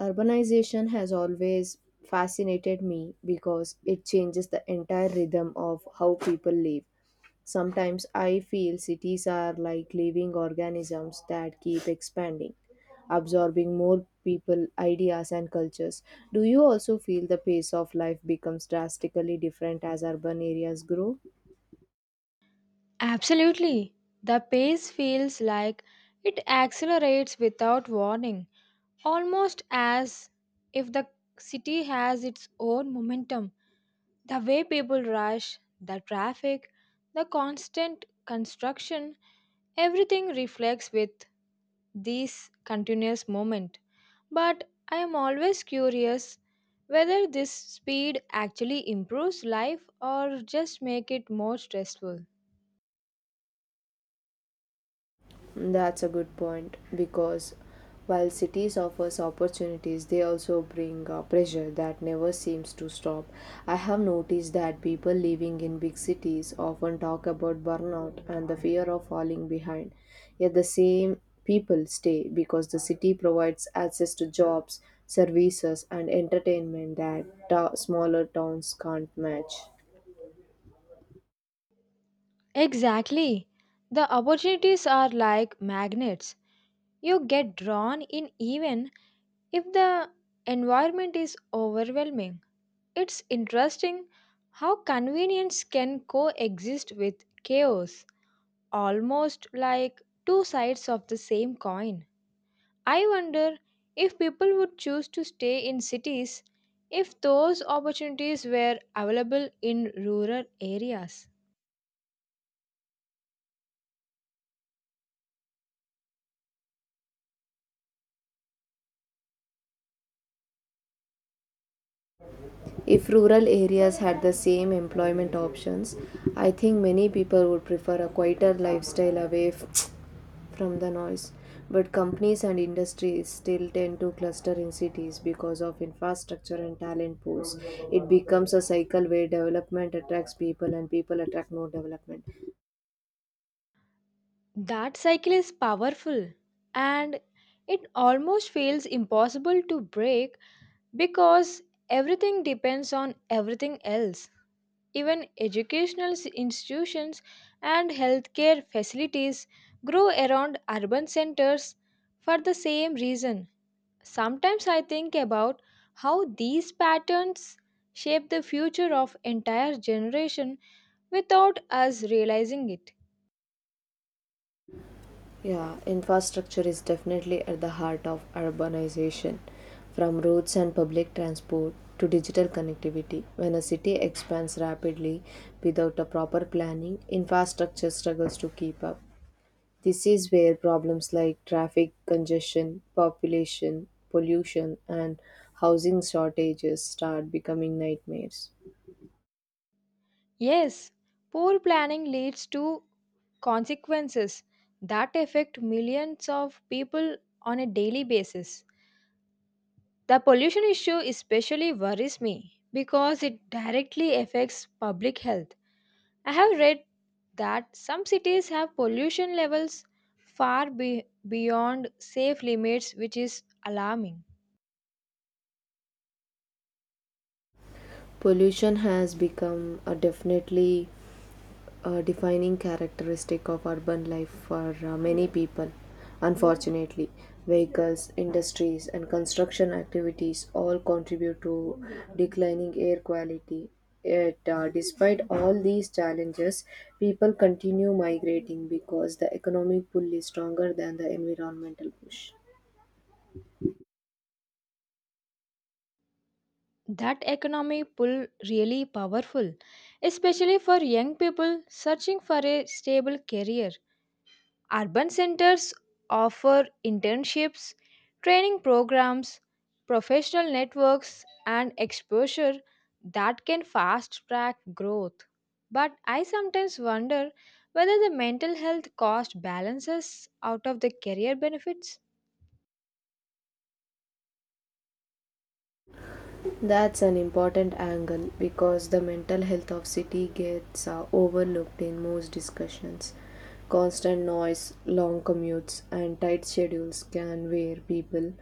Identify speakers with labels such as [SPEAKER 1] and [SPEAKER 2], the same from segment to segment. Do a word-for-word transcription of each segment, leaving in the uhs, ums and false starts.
[SPEAKER 1] Urbanization has always fascinated me because it changes the entire rhythm of how people live. Sometimes I feel cities are like living organisms that keep expanding, absorbing more people, ideas, and cultures. Do you also feel the pace of life becomes drastically different as urban areas grow?
[SPEAKER 2] Absolutely. The pace feels like it accelerates without warning, almost as if the city has its own momentum. The way people rush, the traffic, the constant construction, everything reflects with this continuous moment. But I am always curious whether this speed actually improves life or just make it more stressful.
[SPEAKER 1] That's a good point because while cities offers opportunities, they also bring uh, pressure that never seems to stop. I have noticed that people living in big cities often talk about burnout and the fear of falling behind. Yet the same people stay because the city provides access to jobs, services, and entertainment that ta- smaller towns can't match.
[SPEAKER 2] Exactly. The opportunities are like magnets. You get drawn in even if the environment is overwhelming. It's interesting how convenience can coexist with chaos, almost like two sides of the same coin. I wonder if people would choose to stay in cities if those opportunities were available in rural areas.
[SPEAKER 1] If rural areas had the same employment options, I think many people would prefer a quieter lifestyle away f- from the noise. But companies and industries still tend to cluster in cities because of infrastructure and talent pools. It becomes a cycle where development attracts people and people attract more development.
[SPEAKER 2] That cycle is powerful and it almost feels impossible to break because everything depends on everything else. Even educational s- institutions and healthcare facilities grow around urban centers for the same reason. Sometimes I think about how these patterns shape the future of entire generation without us realizing it.
[SPEAKER 1] Yeah, infrastructure is definitely at the heart of urbanization. From roads and public transport to digital connectivity, when a city expands rapidly without a proper planning, infrastructure struggles to keep up. This is where problems like traffic congestion, population, pollution, and housing shortages start becoming nightmares.
[SPEAKER 2] Yes, poor planning leads to consequences that affect millions of people on a daily basis. The pollution issue especially worries me because it directly affects public health. I have read that some cities have pollution levels far be- beyond safe limits, which is alarming.
[SPEAKER 1] Pollution has become a definitely a defining characteristic of urban life for uh, many people. Unfortunately, vehicles, industries, and construction activities all contribute to declining air quality. Yet, uh, despite all these challenges, people continue migrating because the economic pull is stronger than the environmental push.
[SPEAKER 2] That economic pull really powerful, especially for young people searching for a stable career. Urban centers offer internships, training programs, professional networks, and exposure that can fast track growth. But I sometimes wonder whether the mental health cost balances out of the career benefits.
[SPEAKER 1] That's an important angle because the mental health of city gets uh, overlooked in most discussions. Constant noise, long commutes, and tight schedules can wear people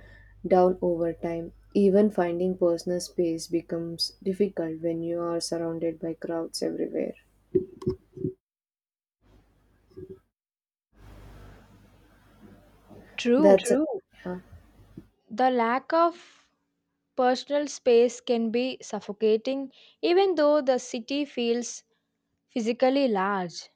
[SPEAKER 1] down over time. Even finding personal space becomes difficult when you are surrounded by crowds everywhere.
[SPEAKER 2] True,
[SPEAKER 1] That's a, True, yeah.
[SPEAKER 2] the lack of personal space can be suffocating even though the city feels physically large.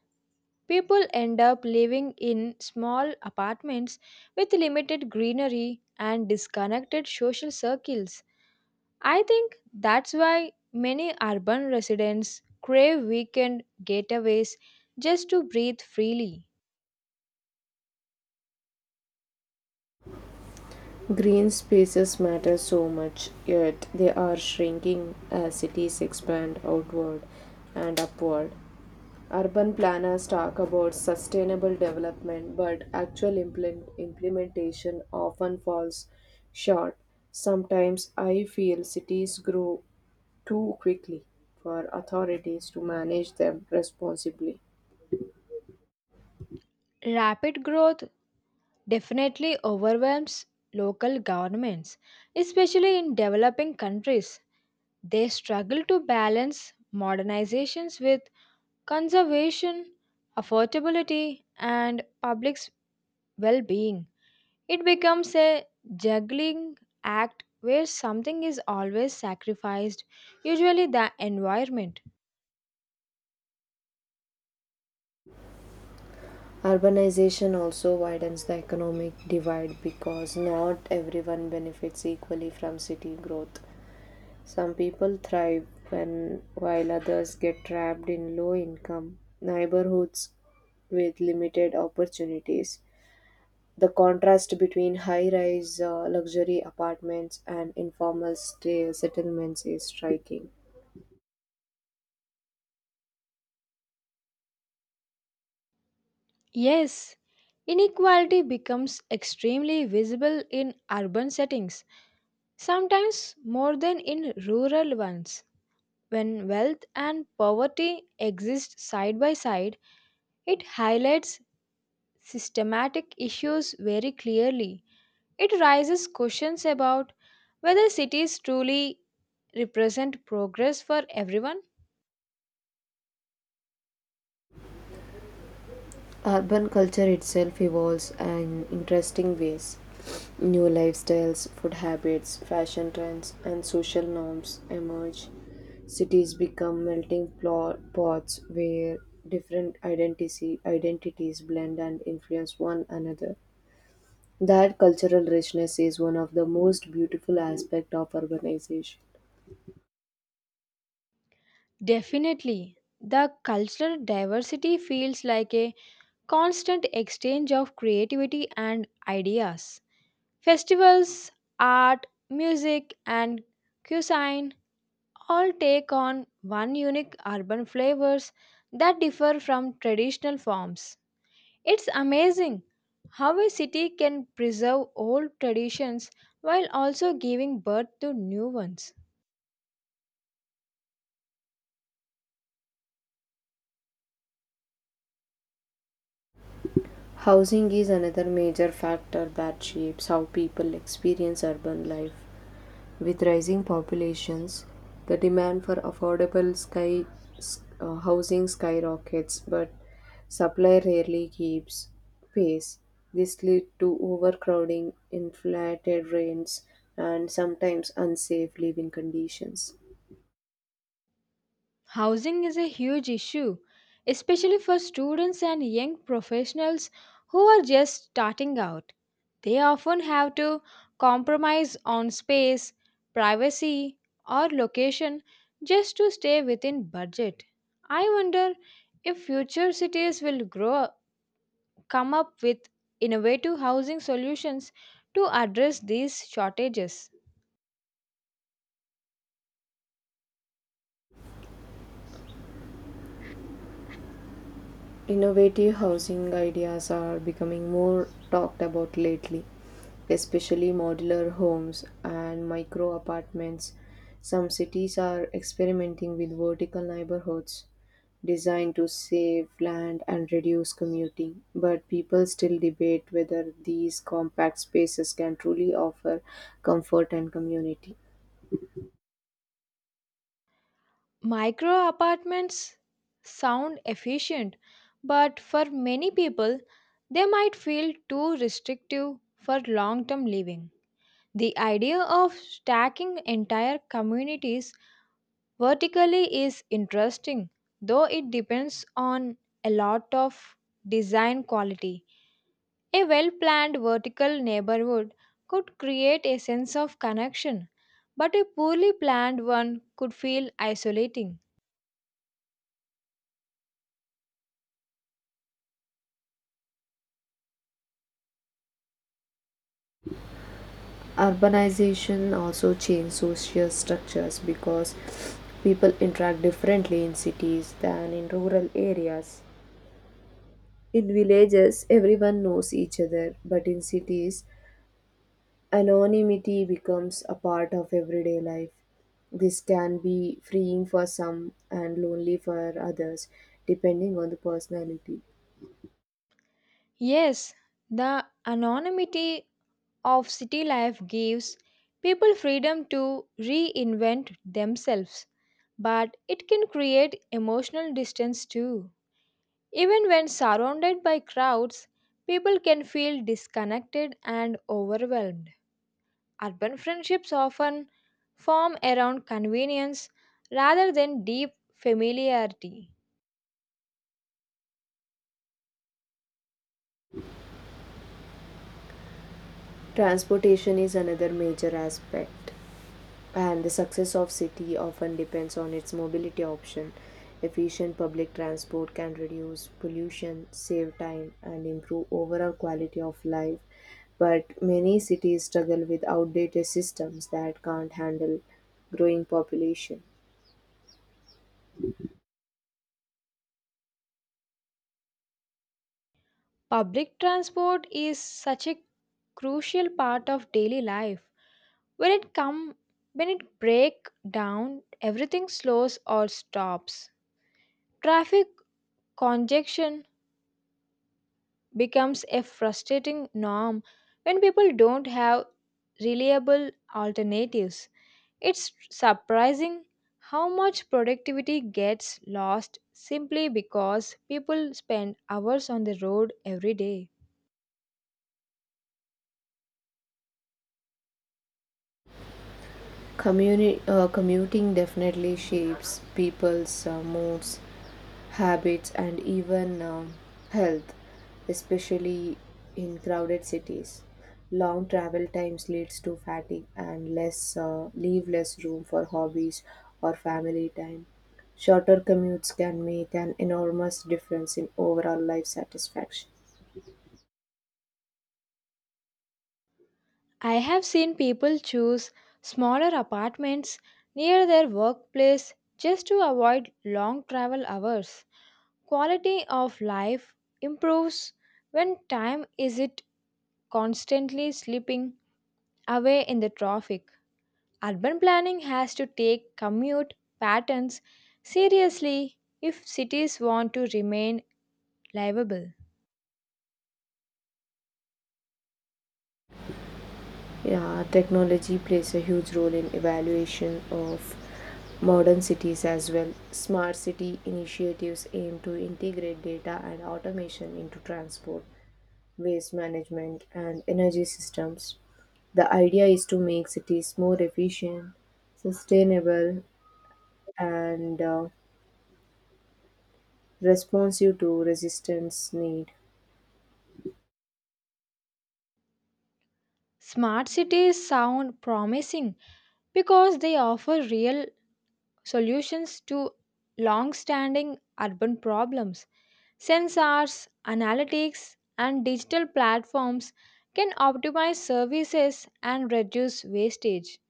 [SPEAKER 2] People end up living in small apartments with limited greenery and disconnected social circles. I think that's why many urban residents crave weekend getaways just to breathe freely.
[SPEAKER 1] Green spaces matter so much, yet they are shrinking as cities expand outward and upward. Urban planners talk about sustainable development, but actual implement- implementation often falls short. Sometimes I feel cities grow too quickly for authorities to manage them responsibly.
[SPEAKER 2] Rapid growth definitely overwhelms local governments, especially in developing countries. They struggle to balance modernizations with conservation, affordability, and public's well being. It becomes a juggling act where something is always sacrificed, usually the environment.
[SPEAKER 1] Urbanization also widens the economic divide because not everyone benefits equally from city growth. Some people thrive when, while others get trapped in low income neighborhoods with limited opportunities. The contrast between high rise luxury apartments and informal stay settlements is striking.
[SPEAKER 2] Yes, inequality becomes extremely visible in urban settings, sometimes more than in rural ones. When wealth and poverty exist side by side, it highlights systematic issues very clearly. It raises questions about whether cities truly represent progress for everyone.
[SPEAKER 1] Urban culture itself evolves in interesting ways. New lifestyles, food habits, fashion trends, and social norms emerge. Cities become melting plo- pots where different identity, identities blend and influence one another. That cultural richness is one of the most beautiful aspects of urbanization.
[SPEAKER 2] Definitely, the cultural diversity feels like a constant exchange of creativity and ideas. Festivals, art, music, and cuisine all take on one unique urban flavors that differ from traditional forms. It's amazing how a city can preserve old traditions while also giving birth to new ones.
[SPEAKER 1] Housing is another major factor that shapes how people experience urban life. With rising populations, the demand for affordable sky s- uh, housing skyrockets, but supply rarely keeps pace. This leads to overcrowding, inflated rents, and sometimes unsafe living conditions.
[SPEAKER 2] Housing is a huge issue, especially for students and young professionals who are just starting out. They often have to compromise on space, privacy, or location just to stay within budget. I wonder if future cities will grow come up with innovative housing solutions to address these shortages.
[SPEAKER 1] Innovative housing ideas are becoming more talked about lately, especially modular homes and micro apartments. Some cities are experimenting with vertical neighborhoods designed to save land and reduce commuting, but people still debate whether these compact spaces can truly offer comfort and community.
[SPEAKER 2] Micro apartments sound efficient, but for many people, they might feel too restrictive for long term living. The idea of stacking entire communities vertically is interesting, though it depends on a lot of design quality. A well planned vertical neighborhood could create a sense of connection, but a poorly planned one could feel isolating.
[SPEAKER 1] Urbanization also change social structures because people interact differently in cities than in rural areas. In villages everyone knows each other, but in cities anonymity becomes a part of everyday life. This can be freeing for some and lonely for others depending on the personality.
[SPEAKER 2] Yes, the anonymity of city life gives people freedom to reinvent themselves, but it can create emotional distance too. Even when surrounded by crowds, people can feel disconnected and overwhelmed. Urban friendships often form around convenience rather than deep familiarity.
[SPEAKER 1] Transportation is another major aspect, and the success of city often depends on its mobility option. Efficient public transport can reduce pollution, save time, and improve overall quality of life, but many cities struggle with outdated systems that can't handle growing population.
[SPEAKER 2] Public transport is such a crucial part of daily life. When it come when it break down, everything slows or stops. Traffic congestion becomes a frustrating norm when people don't have reliable alternatives. It's surprising how much productivity gets lost simply because people spend hours on the road every day.
[SPEAKER 1] Communi- uh, commuting definitely shapes people's uh, moods, habits, and even um, health, especially in crowded cities. Long travel times leads to fatigue and less uh, leave less room for hobbies or family time. Shorter commutes can make an enormous difference in overall life satisfaction.
[SPEAKER 2] I have seen people choose smaller apartments near their workplace just to avoid long travel hours. Quality of life improves when time isn't constantly slipping away in the traffic. Urban planning has to take commute patterns seriously if cities want to remain livable.
[SPEAKER 1] Yeah, technology plays a huge role in evaluation of modern cities as well. Smart city initiatives aim to integrate data and automation into transport, waste management, and energy systems. The idea is to make cities more efficient, sustainable, and uh, responsive to resistance need.
[SPEAKER 2] Smart cities sound promising because they offer real solutions to long standing urban problems. Sensors, analytics, and digital platforms can optimize services and reduce wastage.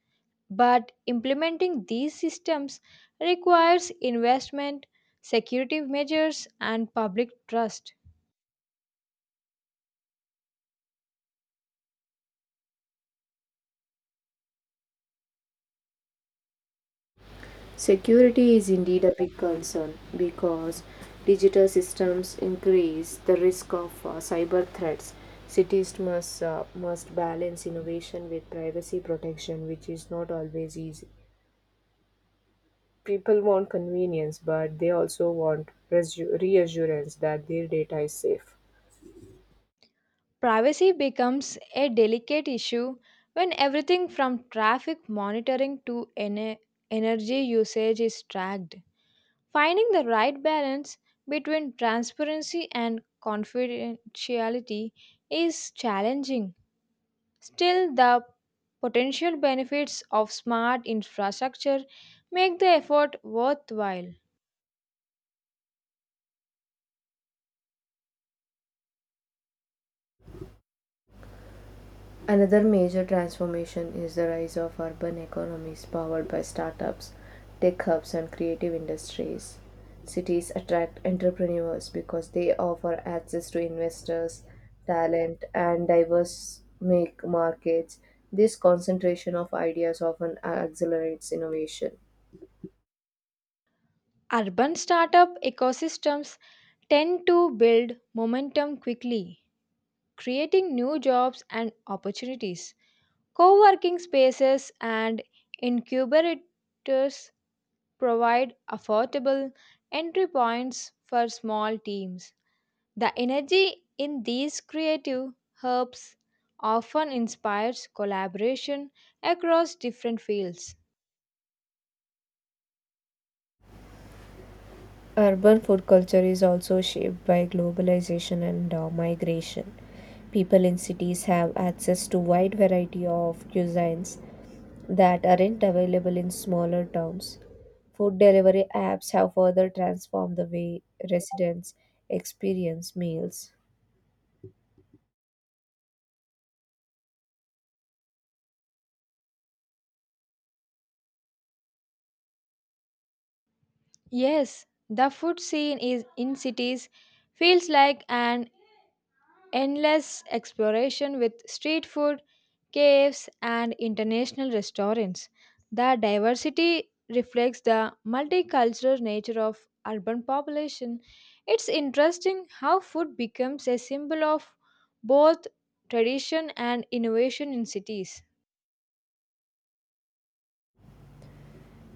[SPEAKER 2] But implementing these systems requires investment, security measures, and public trust.
[SPEAKER 1] Security is indeed a big concern because digital systems increase the risk of uh, cyber threats. Cities must, uh, must balance innovation with privacy protection, which is not always easy. People want convenience, but they also want reassu- reassurance that their data is safe.
[SPEAKER 2] Privacy becomes a delicate issue when everything from traffic monitoring to ene- energy usage is tracked. Finding the right balance between transparency and confidentiality is challenging. Still, the potential benefits of smart infrastructure make the effort worthwhile.
[SPEAKER 1] Another major transformation is the rise of urban economies powered by startups, tech hubs, and creative industries. Cities attract entrepreneurs because they offer access to investors, talent, and diverse make markets. This concentration of ideas often accelerates innovation.
[SPEAKER 2] Urban startup ecosystems tend to build momentum quickly, creating new jobs and opportunities. Co working spaces and incubators provide affordable entry points for small teams. The energy in these creative herbs often inspires collaboration across different fields.
[SPEAKER 1] Urban food culture is also shaped by globalization and uh, migration. People in cities have access to wide variety of cuisines that aren't available in smaller towns. Food delivery apps have further transformed the way residents experience meals.
[SPEAKER 2] Yes, the food scene is in cities feels like an endless exploration with street food, caves, and international restaurants. The diversity reflects the multicultural nature of urban population. It's interesting how food becomes a symbol of both tradition and innovation in cities.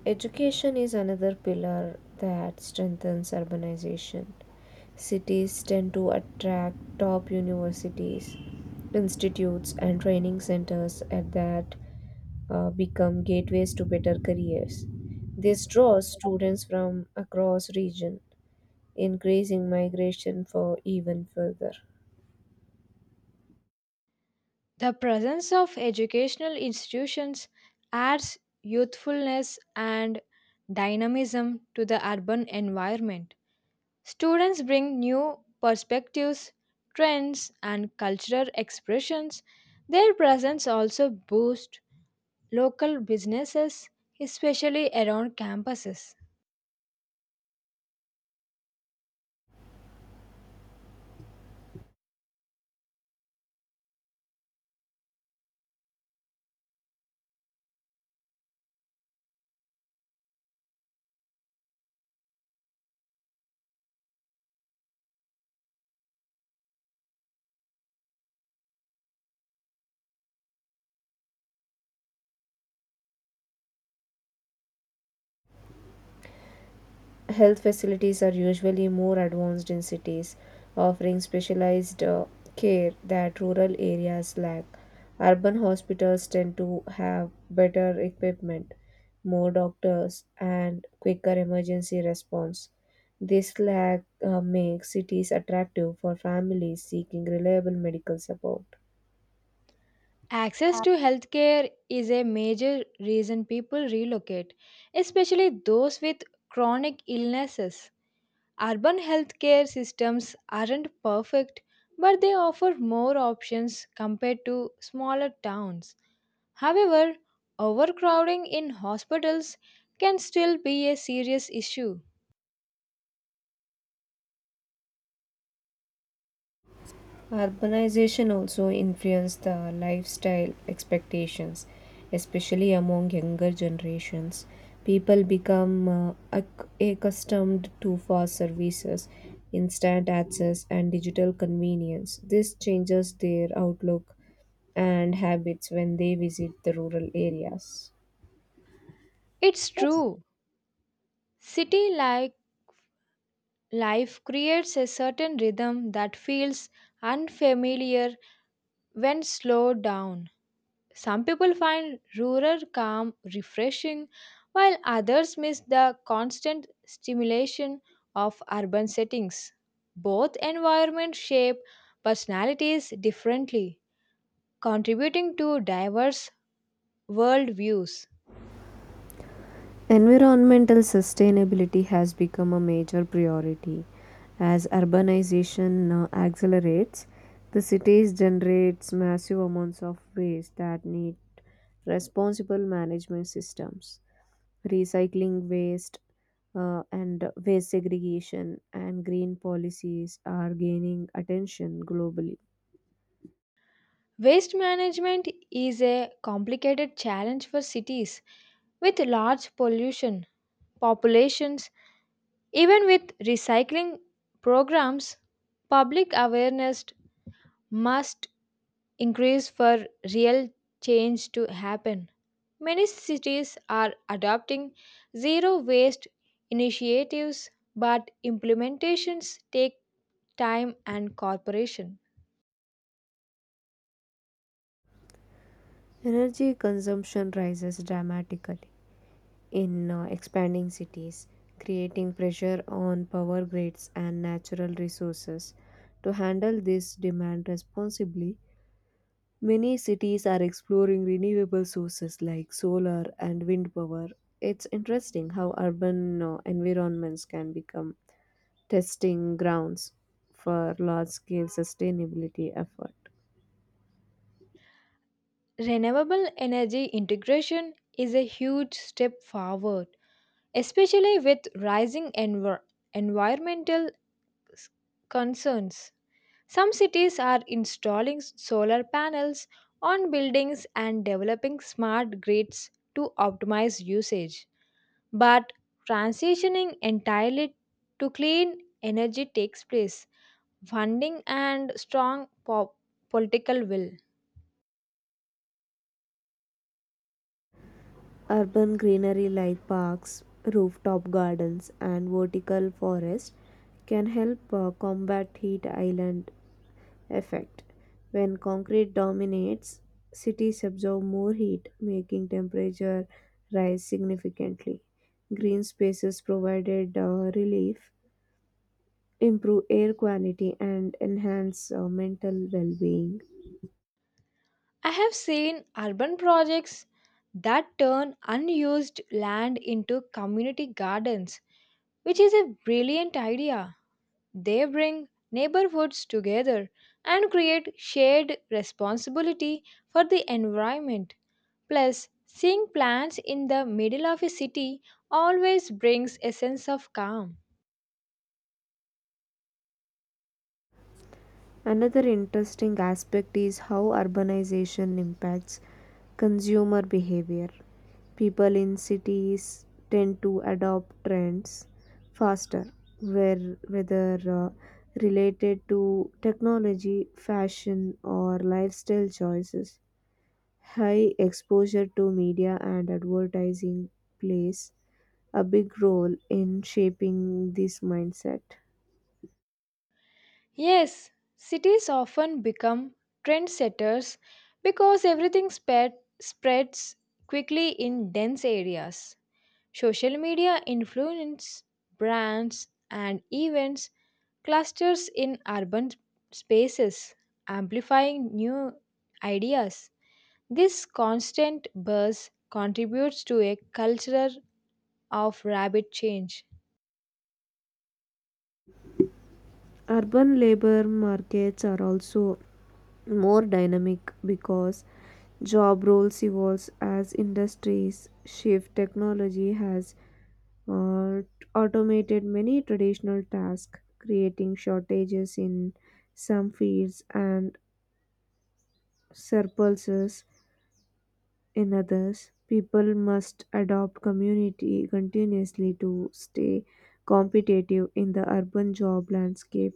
[SPEAKER 1] Education is another pillar that strengthens urbanization. Cities tend to attract top universities, institutes, and training centers at that uh, become gateways to better careers. This draws students from across region, increasing migration for even further.
[SPEAKER 2] The presence of educational institutions adds youthfulness and dynamism to the urban environment. Students bring new perspectives, trends, and cultural expressions. Their presence also boosts local businesses, especially around campuses.
[SPEAKER 1] Health facilities are usually more advanced in cities, offering specialized uh, care that rural areas lack. Urban hospitals tend to have better equipment, more doctors, and quicker emergency response. This lack uh, makes cities attractive for families seeking reliable medical support.
[SPEAKER 2] Access to healthcare is a major reason people relocate, especially those with chronic illnesses. Urban healthcare systems aren't perfect, but they offer more options compared to smaller towns. However, overcrowding in hospitals can still be a serious issue.
[SPEAKER 1] Urbanization also influenced the lifestyle expectations, especially among younger generations. People become uh, acc- accustomed to fast services, instant access, and digital convenience. This changes their outlook and habits when they visit the rural areas.
[SPEAKER 2] It's true. City like life creates a certain rhythm that feels unfamiliar when slowed down. Some people find rural calm refreshing, while others miss the constant stimulation of urban settings. Both environments shape personalities differently, contributing to diverse World views.
[SPEAKER 1] Environmental sustainability has become a major priority. As urbanization uh, accelerates, the cities generates massive amounts of waste that need responsible management systems. Recycling waste uh, and waste segregation and green policies are gaining attention globally.
[SPEAKER 2] Waste management is a complicated challenge for cities with large pollution populations. Even with recycling programs, public awareness must increase for real change to happen. Many cities are adopting zero waste initiatives, but implementations take time and cooperation.
[SPEAKER 1] Energy consumption rises dramatically in uh, expanding cities, creating pressure on power grids and natural resources. To handle this demand responsibly, many cities are exploring renewable sources like solar and wind power. It's interesting how urban uh, environments can become testing grounds for large scale sustainability effort.
[SPEAKER 2] Renewable energy integration is a huge step forward, especially with rising envir- environmental s- concerns. Some cities are installing s- solar panels on buildings and developing smart grids to optimize usage. But transitioning entirely to clean energy takes place, funding, and strong po- political will.
[SPEAKER 1] Urban greenery like parks, rooftop gardens, and vertical forests can help uh, combat heat island effect. When concrete dominates, cities absorb more heat, making temperature rise significantly. Green spaces provided uh, relief, improve air quality, and enhance uh, mental well-being.
[SPEAKER 2] I have seen urban projects that turn unused land into community gardens, which is a brilliant idea. They bring neighborhoods together and create shared responsibility for the environment. Plus, seeing plants in the middle of a city always brings a sense of calm.
[SPEAKER 1] Another interesting aspect is how urbanization impacts consumer behavior. People in cities tend to adopt trends faster, where, whether uh, related to technology, fashion, or lifestyle choices. High exposure to media and advertising plays a big role in shaping this mindset.
[SPEAKER 2] Yes, cities often become trendsetters because everything spread, spreads quickly in dense areas. Social media influence brands and events clusters in urban spaces, amplifying new ideas. This constant buzz contributes to a culture of rapid change.
[SPEAKER 1] Urban labor markets are also more dynamic because job roles evolve as industries shift. Technology has uh, automated many traditional tasks, creating shortages in some fields and surpluses in others. People must adopt community continuously to stay competitive in the urban job landscape.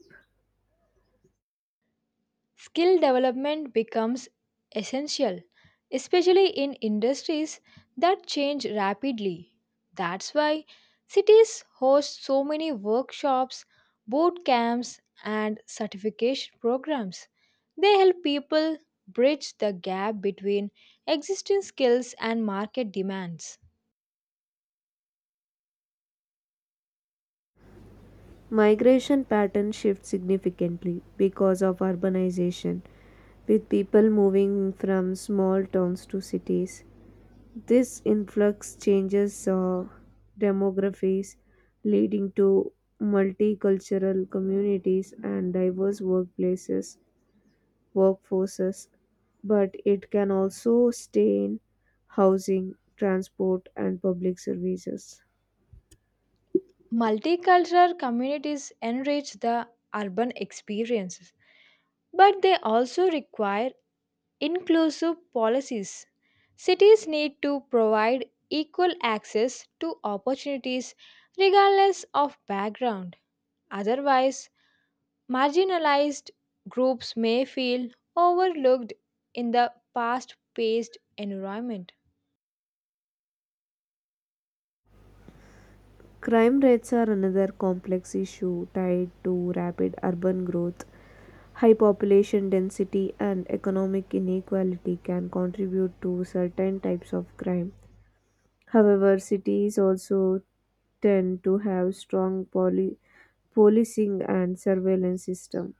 [SPEAKER 2] Skill development becomes essential, especially in industries that change rapidly. That's why cities host so many workshops, boot camps, and certification programs. They help people bridge the gap between existing skills and market demands.
[SPEAKER 1] Migration patterns shift significantly because of urbanization, with people moving from small towns to cities. This influx changes uh, demographies, leading to multicultural communities and diverse workplaces, workforces. But it can also stain housing, transport, and public services.
[SPEAKER 2] Multicultural communities enrich the urban experiences, but they also require inclusive policies. Cities need to provide equal access to opportunities regardless of background. Otherwise, marginalized groups may feel overlooked in the fast paced environment.
[SPEAKER 1] Crime rates are another complex issue tied to rapid urban growth. High population density and economic inequality can contribute to certain types of crime. However, cities also tend to have strong poli- policing and surveillance system.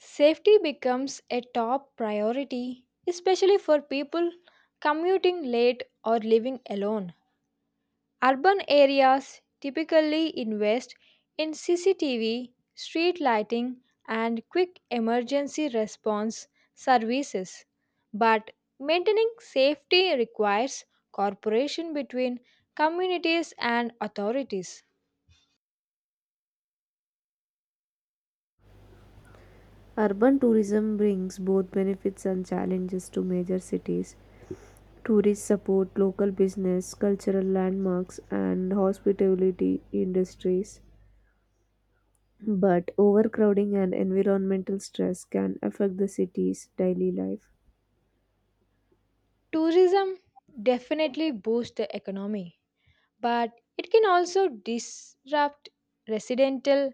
[SPEAKER 2] Safety becomes a top priority, especially for people commuting late or living alone. Urban areas typically invest in C C T V, street lighting, and quick emergency response services, but maintaining safety requires cooperation between communities and authorities.
[SPEAKER 1] Urban tourism brings both benefits and challenges to major cities. Tourists support local business, cultural landmarks, and hospitality industries. But overcrowding and environmental stress can affect the city's daily life.
[SPEAKER 2] Tourism definitely boosts the economy, but it can also disrupt residential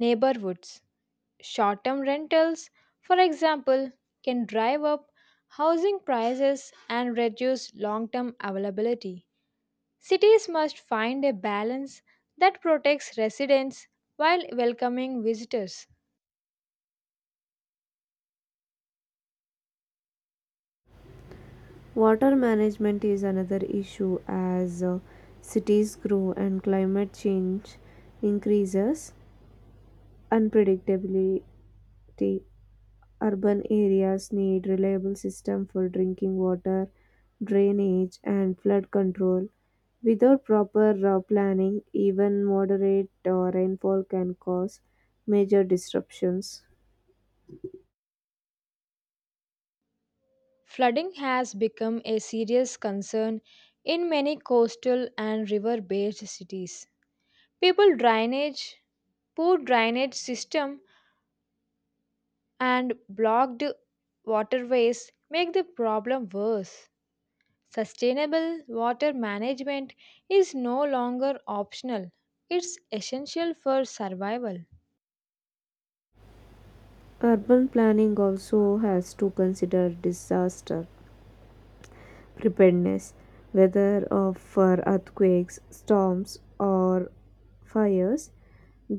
[SPEAKER 2] neighborhoods. Short term rentals, for example, can drive up housing prices and reduce long term availability. Cities must find a balance that protects residents while welcoming visitors.
[SPEAKER 1] Water management is another issue as uh, cities grow and climate change increases unpredictability. Urban areas need reliable system for drinking water, drainage and flood control. Without proper uh, planning, even moderate uh, rainfall can cause major disruptions.
[SPEAKER 2] Flooding has become a serious concern in many coastal and river based cities. People drainage, poor drainage system, and blocked waterways make the problem worse. Sustainable water management is no longer optional, it's essential for survival.
[SPEAKER 1] Urban planning also has to consider disaster preparedness, whether of- for earthquakes, storms, or fires.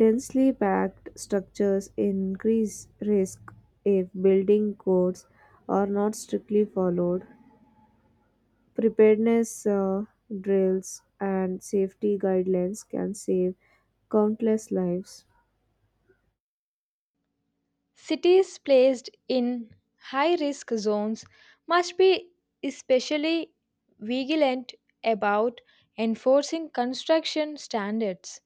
[SPEAKER 1] Densely packed structures increase risk if building codes are not strictly followed. Preparedness uh, drills and safety guidelines can save countless lives.
[SPEAKER 2] Cities placed in high risk zones must be especially vigilant about enforcing construction standards.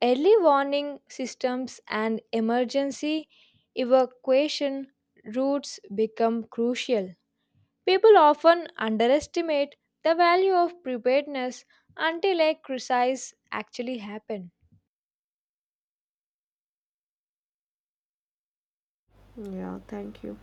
[SPEAKER 2] Early warning systems and emergency evacuation routes become crucial. People often underestimate the value of preparedness until a crisis actually happens.
[SPEAKER 1] Yeah, thank you.